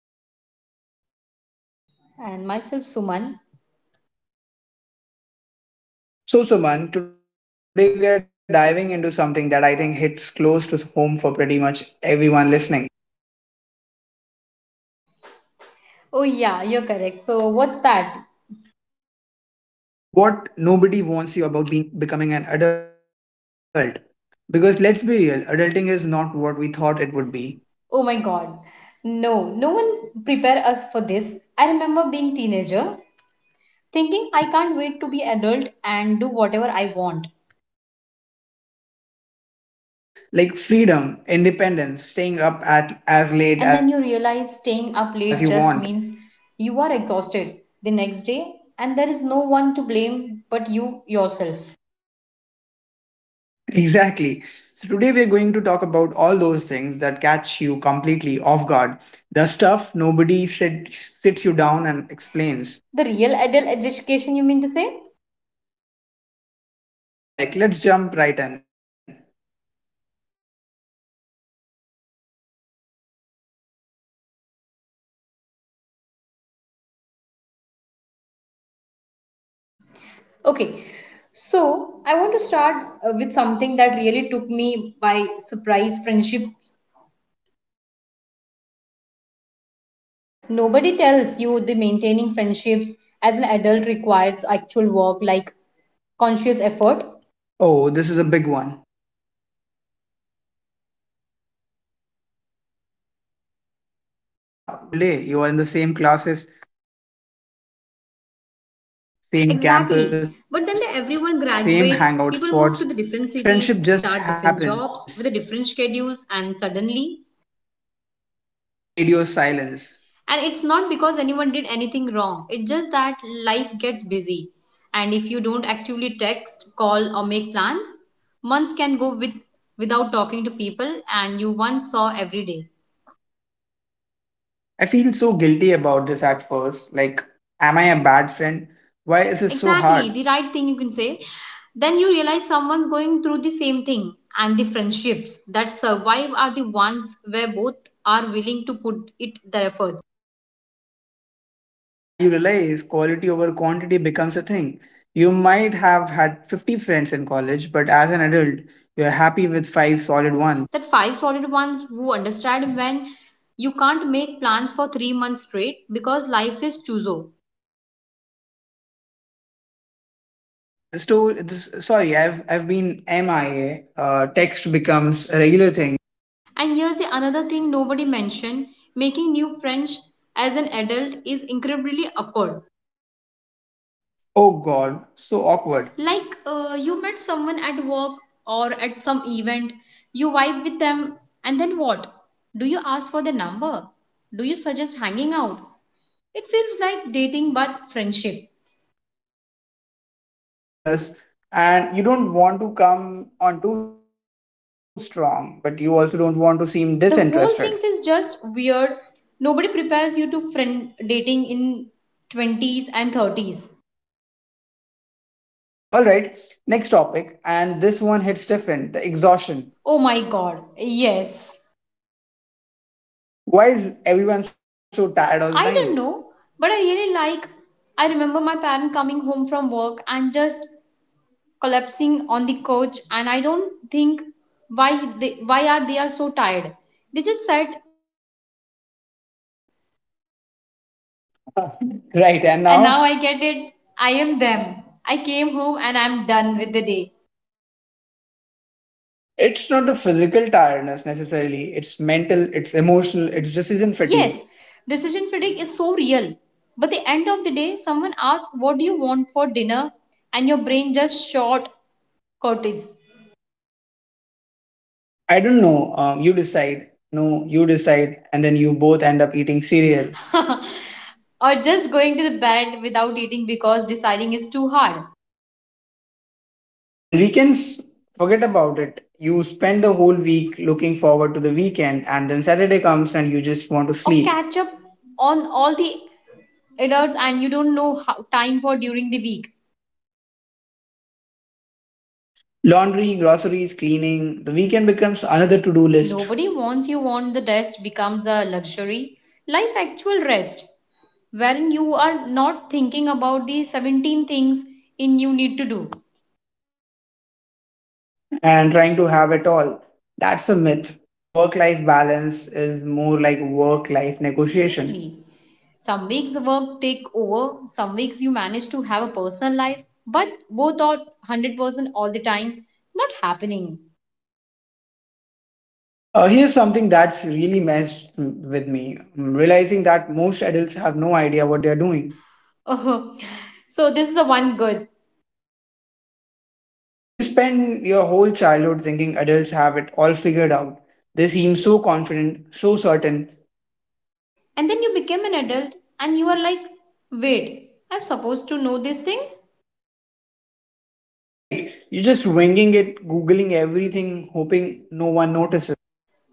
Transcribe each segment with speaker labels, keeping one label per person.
Speaker 1: I'm Rohit.
Speaker 2: And myself, Suman.
Speaker 1: So, Suman, today we are diving into something that I think hits close to home for pretty much everyone listening.
Speaker 2: Oh, yeah, you're correct. So, what's that?
Speaker 1: What nobody warns you about being becoming an adult. Because let's be real, adulting is not what we thought it would be.
Speaker 2: Oh my god. No, no one prepare us for this. I remember being teenager, thinking I can't wait to be adult and do whatever I want.
Speaker 1: Right? Like freedom, independence, staying up at as late
Speaker 2: And
Speaker 1: as
Speaker 2: then
Speaker 1: you
Speaker 2: you
Speaker 1: want.
Speaker 2: realize staying up late just means you are exhausted the next day and there is no one to blame but you yourself.
Speaker 1: Exactly. So today we're going to talk about all those things that catch you completely off guard. The stuff nobody sits you down and explains.
Speaker 2: The real adult education, you mean to say?
Speaker 1: Yes, correct. Let's jump right in.
Speaker 2: Okay, so I want to start with something that really took me by surprise friendships. Nobody tells you the maintaining friendships as an adult requires actual work like conscious effort.
Speaker 1: Oh, this is a big one. Yeah, when you're in school or college, you see your friends every single day. You are in the
Speaker 2: Exactly.
Speaker 1: same
Speaker 2: But then
Speaker 1: classes,
Speaker 2: the, everyone
Speaker 1: same campus, same
Speaker 2: graduates,
Speaker 1: hangout
Speaker 2: people move to
Speaker 1: spots.
Speaker 2: the different
Speaker 1: Friendship
Speaker 2: cities,
Speaker 1: just
Speaker 2: start
Speaker 1: happens.
Speaker 2: different jobs with the different schedules, and suddenly and it's not because anyone did anything wrong,
Speaker 1: Radio
Speaker 2: it's just that
Speaker 1: silence.
Speaker 2: life gets busy. And if you don't actively text, call, or make plans, months can go without talking to people and you once saw every day.
Speaker 1: I feel so guilty about this at first. Like, am I a bad friend? Why is it so
Speaker 2: Exactly,
Speaker 1: hard?
Speaker 2: the right thing you can say. Then you realize someone's going through the same thing, and the friendships that survive are the ones where both are willing to put it their effort.
Speaker 1: And you realize quality over quantity becomes a thing. You might have had 50 friends in college, but as an adult, you're happy with five solid ones.
Speaker 2: That five solid ones who understand when you can't make plans for 3 months straight because life is chooso.
Speaker 1: Yes, correct. The I've been MIA. Text becomes a regular thing.
Speaker 2: And here's the another thing nobody mentioned making new friends as an adult is incredibly awkward.
Speaker 1: Oh God, so awkward.
Speaker 2: Like you met someone at work or at some event, you vibe with them, and then what? Do you ask for their number? Do you suggest hanging out? It feels like dating but friendship.
Speaker 1: It really does. And you don't want to come on too strong, but you also don't want to seem disinterested.
Speaker 2: The whole things is just weird, nobody prepares you to friend dating in 20s and 30s.
Speaker 1: All right, next topic, and this one hits different, the exhaustion.
Speaker 2: Oh my god, yes.
Speaker 1: Why is everyone so tired all the time?
Speaker 2: I don't know, but I really like, I remember my parent coming home from work and just collapsing on the couch and I don't think why they, why are they are so tired, they just said. And
Speaker 1: Right,
Speaker 2: now
Speaker 1: and
Speaker 2: I
Speaker 1: now
Speaker 2: get it, I am them. I came home and I'm done with the day.
Speaker 1: it's not the physical tiredness necessarily, it's mental, it's emotional, it's decision
Speaker 2: Yes,
Speaker 1: fatigue.
Speaker 2: decision fatigue is so real. But the end of the day, someone asks, what do you want for dinner? And your brain just short cortis.
Speaker 1: I don't know, you decide. No, you decide, and then you both end up eating cereal.
Speaker 2: Or just going to the bed without eating because deciding is too hard.
Speaker 1: And weekends, forget about it. You spend the whole week looking forward to the weekend, and then Saturday comes and you just want to
Speaker 2: Or
Speaker 1: sleep.
Speaker 2: catch up on all the adults and you don't know how time for during the week.
Speaker 1: Laundry, groceries, cleaning, the weekend becomes another to do list.
Speaker 2: Nobody wants you want the rest becomes a luxury. Life actual rest wherein you are not thinking about the 17 things in you need to do.
Speaker 1: And trying to have it all. That's a myth. Work life balance is more like work life
Speaker 2: Seriously,
Speaker 1: negotiation.
Speaker 2: some weeks work take over, some weeks you manage to have a personal life, but both are 100% all the time. Not happening.
Speaker 1: Here's something that's really messed with me. I'm realizing that most adults have no idea what they're doing.
Speaker 2: Oh, so, this is the one good.
Speaker 1: You spend your whole childhood thinking adults have it all figured out. They seem so confident, so certain.
Speaker 2: And then you become an adult and you are like, wait, I'm supposed to know these things?
Speaker 1: Right, you're just winging it, googling everything, hoping no one notices.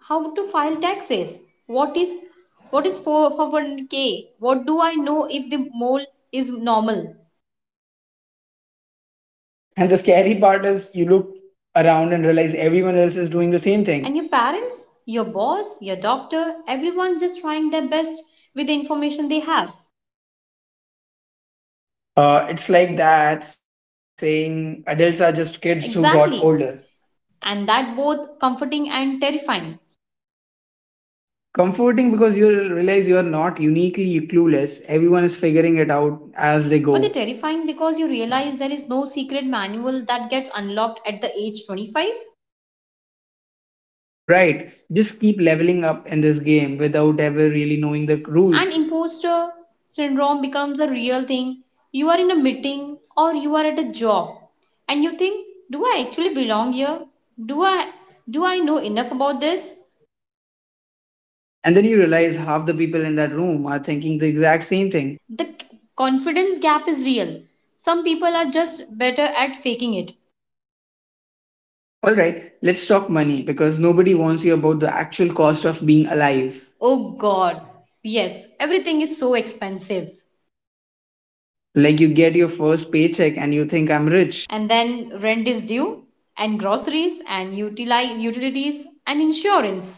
Speaker 2: How to file taxes? What is, what is 4 401k? What do I know if the mole is normal?
Speaker 1: Yes, and the scary part is you look around and realize everyone else is doing the same thing.
Speaker 2: And your parents, your boss, your doctor, everyone's just trying their best with the information they have.
Speaker 1: It's like that saying adults are just kids who got
Speaker 2: Exactly.
Speaker 1: older.
Speaker 2: And that both comforting and terrifying.
Speaker 1: Comforting because you realize you are not uniquely clueless. Everyone is figuring it out as they
Speaker 2: But the
Speaker 1: go.
Speaker 2: terrifying because you realize there is no secret manual that gets unlocked at the age 25
Speaker 1: Right. Just keep leveling up in this game without ever really knowing the rules.
Speaker 2: and imposter syndrome becomes a real thing. You are in a meeting or you are at a job and you think, do I actually belong here? Do I do I know enough about this?
Speaker 1: And then you realize half the people in that room are thinking the exact same thing.
Speaker 2: The confidence gap is real. Some people are just better at faking it.
Speaker 1: All right, let's talk money because nobody wants you about the actual cost of being alive.
Speaker 2: Oh god, yes, everything is so expensive.
Speaker 1: Like you get your first paycheck and you think I'm rich.
Speaker 2: And then rent is due, and groceries, and utilities, and insurance.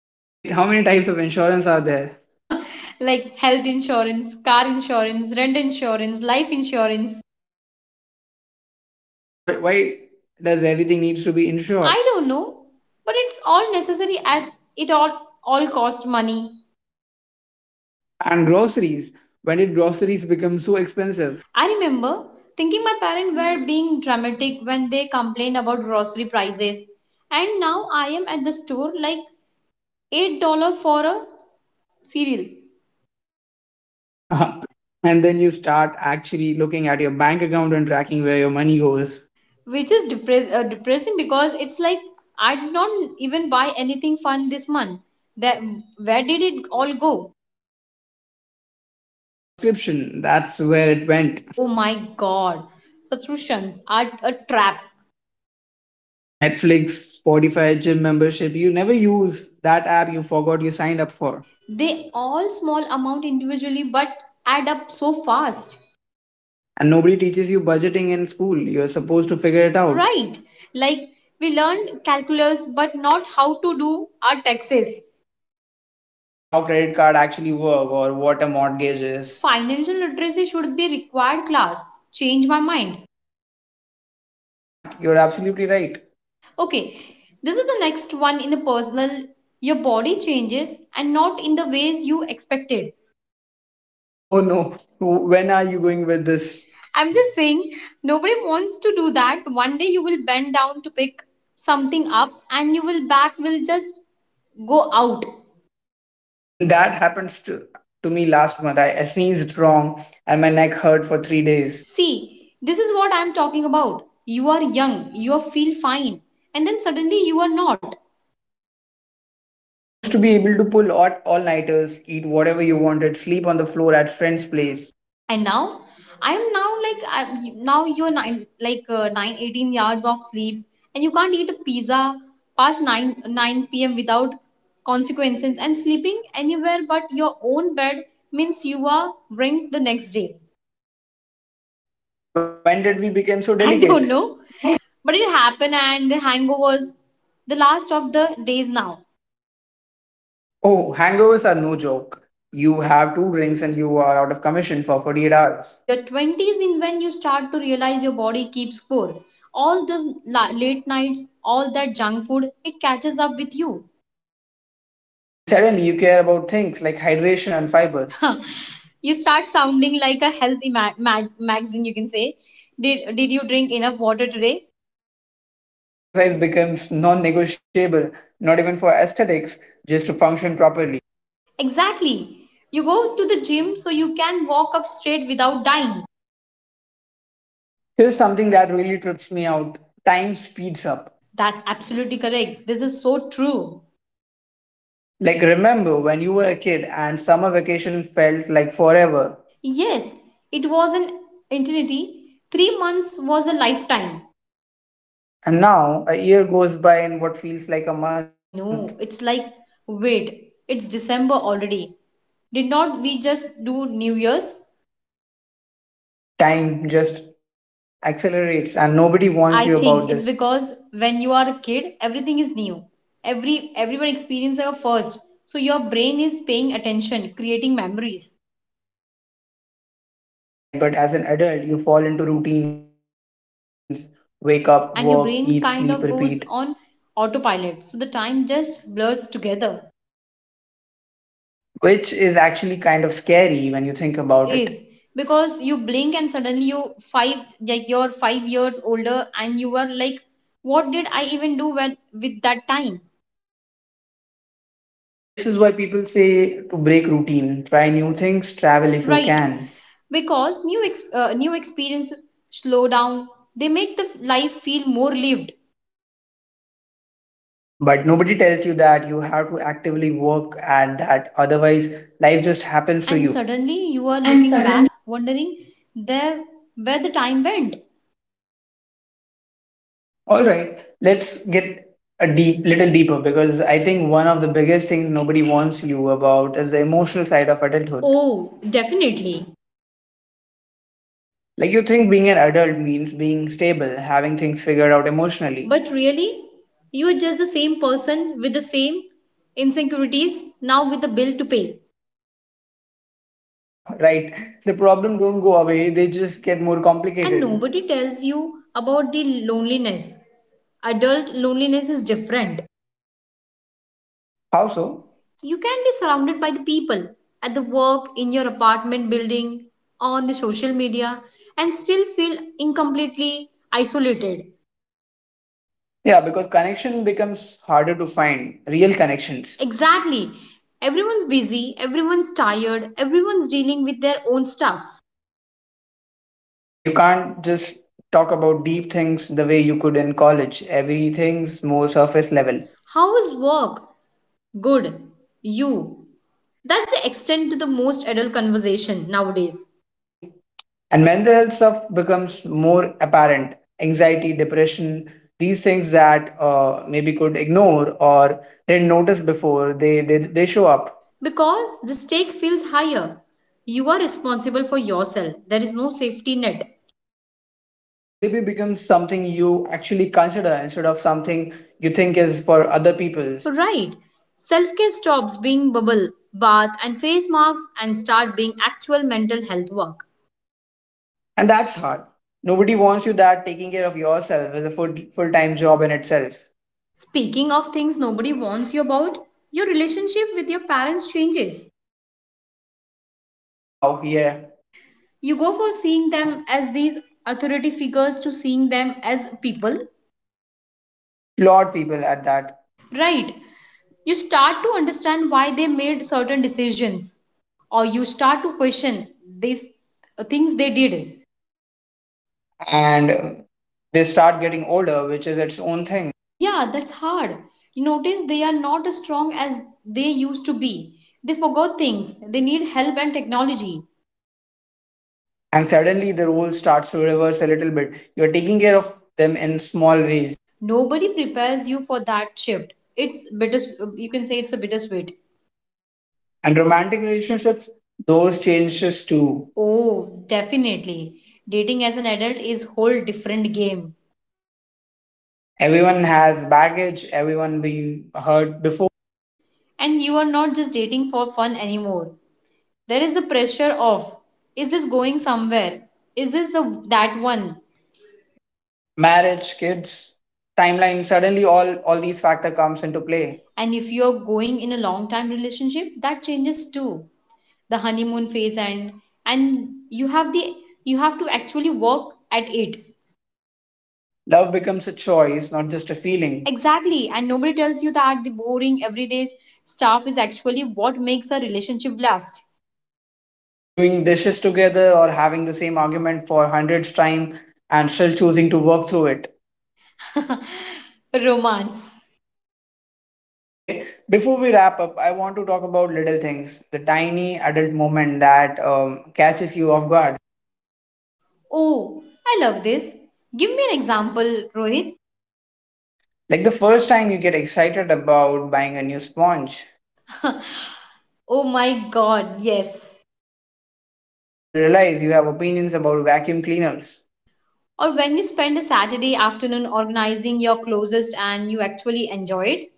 Speaker 1: Wait, how many types of insurance are there?
Speaker 2: Like health insurance, car insurance, rent insurance, life insurance.
Speaker 1: Why, does everything needs to be insured?
Speaker 2: I don't know, but it's all necessary at, it all cost money.
Speaker 1: And groceries. When did groceries become so expensive?
Speaker 2: I remember thinking my parents were being dramatic when they complained about grocery prices. And now I am at the store like $8 for a cereal,
Speaker 1: And then you start actually looking at your bank account and tracking where your money goes.
Speaker 2: which is depressing because it's like I did not even buy anything fun this month. That, where did it all go?
Speaker 1: Subscription, that's where it went.
Speaker 2: Oh my god. Subscriptions are a trap.
Speaker 1: Netflix, Spotify, gym membership. You never use that app you forgot you signed up for.
Speaker 2: They all small amount individually but add up so fast.
Speaker 1: And nobody teaches you budgeting in school. You're supposed to figure it out.
Speaker 2: Right. Like we learned calculus but not how to do our taxes.
Speaker 1: Or how credit card actually work or what a mortgage is.
Speaker 2: Financial literacy should be required class. Change my mind.
Speaker 1: Can't. You're absolutely right.
Speaker 2: Okay. This is the next one in the personal, your body changes and not in the ways you expected.
Speaker 1: Oh no. When are you going with this?
Speaker 2: I'm just saying nobody wants to do that. One day you will bend down to pick something up and you will back will just go out.
Speaker 1: That happens to me last month. I sneezed wrong and my neck hurt for 3 days.
Speaker 2: See, this is what I'm talking about. You are young, you feel fine, and then suddenly you are not.
Speaker 1: You used to be able to pull all nighters, eat whatever you wanted, sleep on the floor at friend's place.
Speaker 2: And now, I'm now like I, now you're nine like 9 18 yards of sleep, and you can't eat a pizza past nine p.m. without consequences. And sleeping anywhere but your own bed means you are ringed the next day.
Speaker 1: When did we become so
Speaker 2: I don't
Speaker 1: delicate?
Speaker 2: know, but it happened, and the hangovers the last of the days now.
Speaker 1: Oh, hangovers are no joke. You have two drinks and you are out of commission for 48 hours.
Speaker 2: Your 20s in when you start to realize your body keeps score. All those late nights, all that junk food, it catches up with you.
Speaker 1: And suddenly you care about things like hydration and fiber.
Speaker 2: You start sounding like a healthy magazine, you can say. Did you drink enough water today?
Speaker 1: And exercise becomes non negotiable, not even for aesthetics, just to function properly.
Speaker 2: Exactly. You go to the gym so you can walk up straight without dying.
Speaker 1: Here's something that really trips me out. Time speeds up.
Speaker 2: That's absolutely correct. This is so true.
Speaker 1: Like, remember when you were a kid and summer vacation felt like forever.
Speaker 2: Yes, it was an eternity. 3 months was a lifetime.
Speaker 1: And now a year goes by in what feels like a month.
Speaker 2: I know. It's like, wait, it's December already. Did not we just do New Year's?
Speaker 1: Time just accelerates, and nobody warns
Speaker 2: I
Speaker 1: you
Speaker 2: think
Speaker 1: about
Speaker 2: it's
Speaker 1: this,
Speaker 2: because when you are a kid, everything is new. Everyone experiences a first. So your brain is paying attention, creating memories.
Speaker 1: right? But as an adult, you fall into routines. Wake up,
Speaker 2: And your
Speaker 1: work,
Speaker 2: brain
Speaker 1: eat,
Speaker 2: kind
Speaker 1: sleep,
Speaker 2: of
Speaker 1: repeat,
Speaker 2: goes on autopilot. So the time just blurs together.
Speaker 1: which is actually kind of scary when you think
Speaker 2: It
Speaker 1: about it.
Speaker 2: is because you blink and suddenly five you're 5 years older and you were like, what did I even do when with that time?
Speaker 1: This is why people say to break routine, try new things, travel if you
Speaker 2: Right?
Speaker 1: can.
Speaker 2: Because new experiences slow down. They make the life feel more lived,
Speaker 1: But nobody tells you that you have to actively work at that, otherwise life just happens to
Speaker 2: and
Speaker 1: you
Speaker 2: suddenly you are
Speaker 1: and
Speaker 2: looking
Speaker 1: suddenly
Speaker 2: back, wondering there where the time went.
Speaker 1: all right, let's get a deep little deeper because I think one of the biggest things nobody warns you about is the emotional side of adulthood.
Speaker 2: Oh, definitely.
Speaker 1: Like you think being an adult means being stable, having things figured out emotionally.
Speaker 2: But really, you are just the same person with the same insecurities now with the bill to pay.
Speaker 1: Right, the problem don't go away, they just get more
Speaker 2: And
Speaker 1: complicated.
Speaker 2: nobody tells you about the loneliness, adult loneliness is different.
Speaker 1: How so?
Speaker 2: You can be surrounded by the people at the work, in your apartment building, on the social media, and still feel incompletely isolated.
Speaker 1: Yeah, because connection becomes harder to find real connections.
Speaker 2: Exactly, everyone's busy, everyone's tired, everyone's dealing with their own stuff.
Speaker 1: And you can't just talk about deep things the way you could in college. Everything's more surface level.
Speaker 2: How is work, good, you, that's the extent to the most adult conversation nowadays.
Speaker 1: Please. And mental health stuff becomes more apparent. Anxiety, depression, these things that maybe could ignore or didn't notice before, they show up.
Speaker 2: Because the stake feels higher. You are responsible for yourself. There is no safety net.
Speaker 1: And therapy becomes something you actually consider instead of something you think is for other people's.
Speaker 2: Right. Self care stops being bubble, bath, and face masks and start being actual mental health work.
Speaker 1: And that's hard. Nobody wants you that taking care of yourself is a full time job in itself.
Speaker 2: Speaking of things nobody warns you about, your relationship with your parents changes.
Speaker 1: Oh wow, yeah.
Speaker 2: You go from seeing them as these authority figures to seeing them as people.
Speaker 1: Flawed people at that.
Speaker 2: Right. You start to understand why they made certain decisions or you start to question these things they did.
Speaker 1: And they start getting older, which is its own thing.
Speaker 2: Yeah, that's hard. You notice they are not as strong as they used to be, they forgot things, they need help and technology.
Speaker 1: And suddenly the role starts to reverse a little bit. You're taking care of them in small ways.
Speaker 2: Nobody prepares you for that shift, it's bitter, you can say it's a bittersweet.
Speaker 1: And romantic relationships, those changes too.
Speaker 2: Oh definitely, dating as an adult is whole different game.
Speaker 1: Everyone has baggage, everyone been hurt before.
Speaker 2: And you are not just dating for fun anymore, there is the pressure of, is this going somewhere, is this the that one.
Speaker 1: Marriage, kids, timeline, suddenly all these factor comes into play.
Speaker 2: And if you're going in a long time relationship that changes too, the honeymoon phase and and you have the you have to actually work at it.
Speaker 1: Love becomes a choice, not just a feeling.
Speaker 2: Exactly, and nobody tells you that the boring everyday stuff is actually what makes a relationship last.
Speaker 1: Like doing dishes together or having the same argument for hundreds time and still choosing to work through it.
Speaker 2: Romance.
Speaker 1: Okay, before we wrap up I want to talk about little things, the tiny adult moment that catches you off guard.
Speaker 2: Oh I love this, give me an example, Rohit.
Speaker 1: Like the first time you get excited about buying a new sponge
Speaker 2: Oh my god, yes.
Speaker 1: or when you realize you have opinions about vacuum cleaners.
Speaker 2: Or when you spend a Saturday afternoon organizing your closest and you actually enjoy it.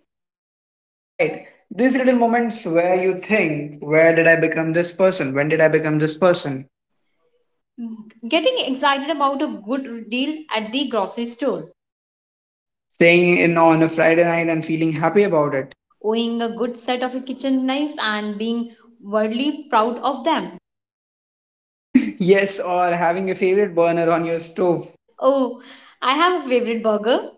Speaker 1: Right, these little moments where you think where did I become this person when did I become this person.
Speaker 2: Getting excited about a good deal at the grocery store,
Speaker 1: Staying in on a Friday night and feeling happy about it.
Speaker 2: owning a good set of kitchen knives and being wildly proud of them.
Speaker 1: Yes, or having a favorite burner on your stove.
Speaker 2: Oh, I have a favorite burger,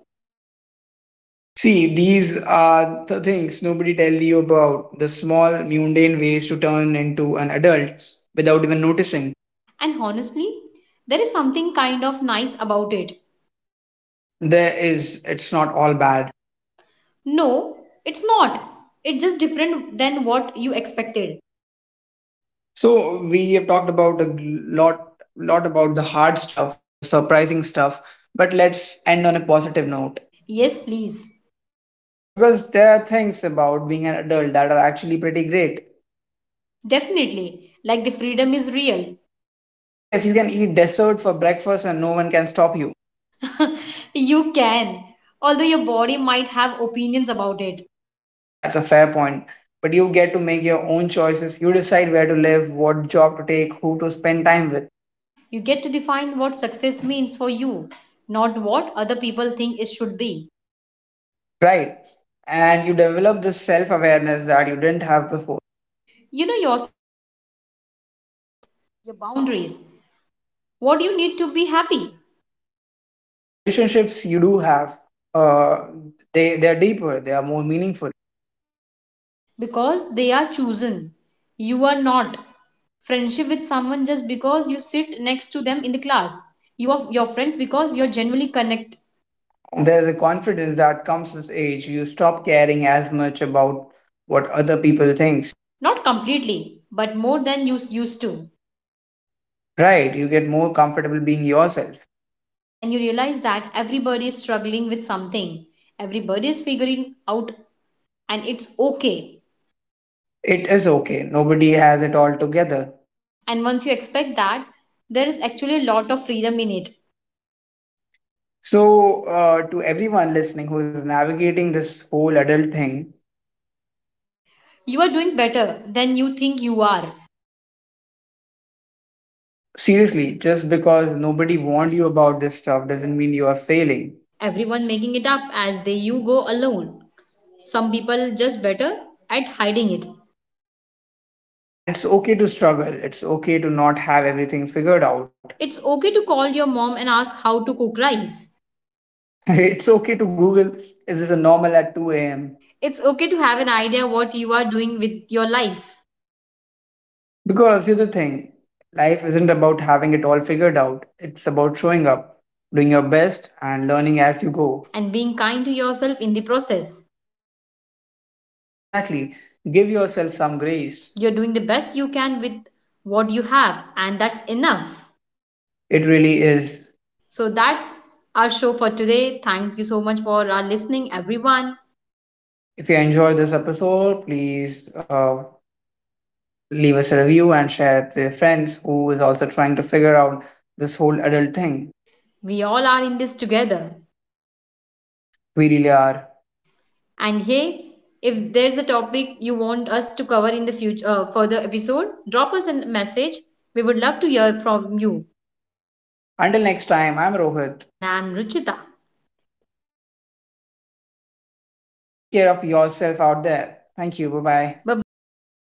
Speaker 1: See, these are the things nobody tells you about, the small, mundane ways to turn into an adult without even noticing.
Speaker 2: and honestly, there is something kind of nice about it.
Speaker 1: There is, it's not all bad.
Speaker 2: No, it's not. It's just different than what you expected.
Speaker 1: So, we have talked about lot about the hard stuff, the surprising stuff, but let's end on a positive note
Speaker 2: Yes, please.
Speaker 1: because there are things about being an adult that are actually pretty great.
Speaker 2: Definitely. Like the freedom is real.
Speaker 1: Yes, you can eat dessert for breakfast and no one can stop you.
Speaker 2: You can, although your body might have opinions about it.
Speaker 1: That's a fair point. But you get to make your own choices. You decide where to live, what job to take, who to spend time with,
Speaker 2: You get to define what success means for you, not what other people think it should be.
Speaker 1: right? And you develop this self awareness that you didn't have before.
Speaker 2: You know your boundaries, what you need to be happy,
Speaker 1: And relationships you do have, uh, they're deeper, they are more meaningful.
Speaker 2: because they are chosen. You are not. Friendship with someone just because you sit next to them in the class. You are your friends because you're genuinely connect,
Speaker 1: There's a confidence that comes with age. You stop caring as much about what other people think.
Speaker 2: not completely, but more than you used to.
Speaker 1: Right, you get more comfortable being yourself.
Speaker 2: And you realize that everybody is struggling with something, everybody is figuring out, and it's okay.
Speaker 1: It is okay. Nobody has it all together.
Speaker 2: And once you expect that, there is actually a lot of freedom in it.
Speaker 1: So, to everyone listening who is navigating this whole adult thing,
Speaker 2: You are doing better than you think you are.
Speaker 1: seriously, just because nobody warned you about this stuff doesn't mean you are failing.
Speaker 2: Everyone making it up as they you go alone, some people just better at hiding it.
Speaker 1: And it's okay to struggle. It's okay to not have everything figured out.
Speaker 2: It's okay to call your mom and ask how to cook rice.
Speaker 1: It's okay to Google, is this a normal at 2 a.m.?
Speaker 2: It's okay to have an idea what you are doing with your life
Speaker 1: Because here's the thing, life isn't about having it all figured out, it's about showing up, doing your best, and learning as you go.
Speaker 2: and being kind to yourself in the process.
Speaker 1: Exactly. Give yourself some grace.
Speaker 2: You're doing the best you can with what you have, and that's enough.
Speaker 1: It really is.
Speaker 2: So that's our show for today. Thanks you so much for our listening, everyone.
Speaker 1: If you enjoyed this episode, please leave us a review and share it with your friends who is also trying to figure out this whole adult thing.
Speaker 2: We all are in this together.
Speaker 1: We really are.
Speaker 2: And hey, if there's a topic you want us to cover in the future further episode, drop us a message. We would love to hear from you.
Speaker 1: Until next time, I'm Rohit.
Speaker 2: And I'm Ruchita.
Speaker 1: Take care of yourself out there. Thank you. Bye bye.
Speaker 2: Bye
Speaker 1: Bye
Speaker 2: bye.
Speaker 1: bye.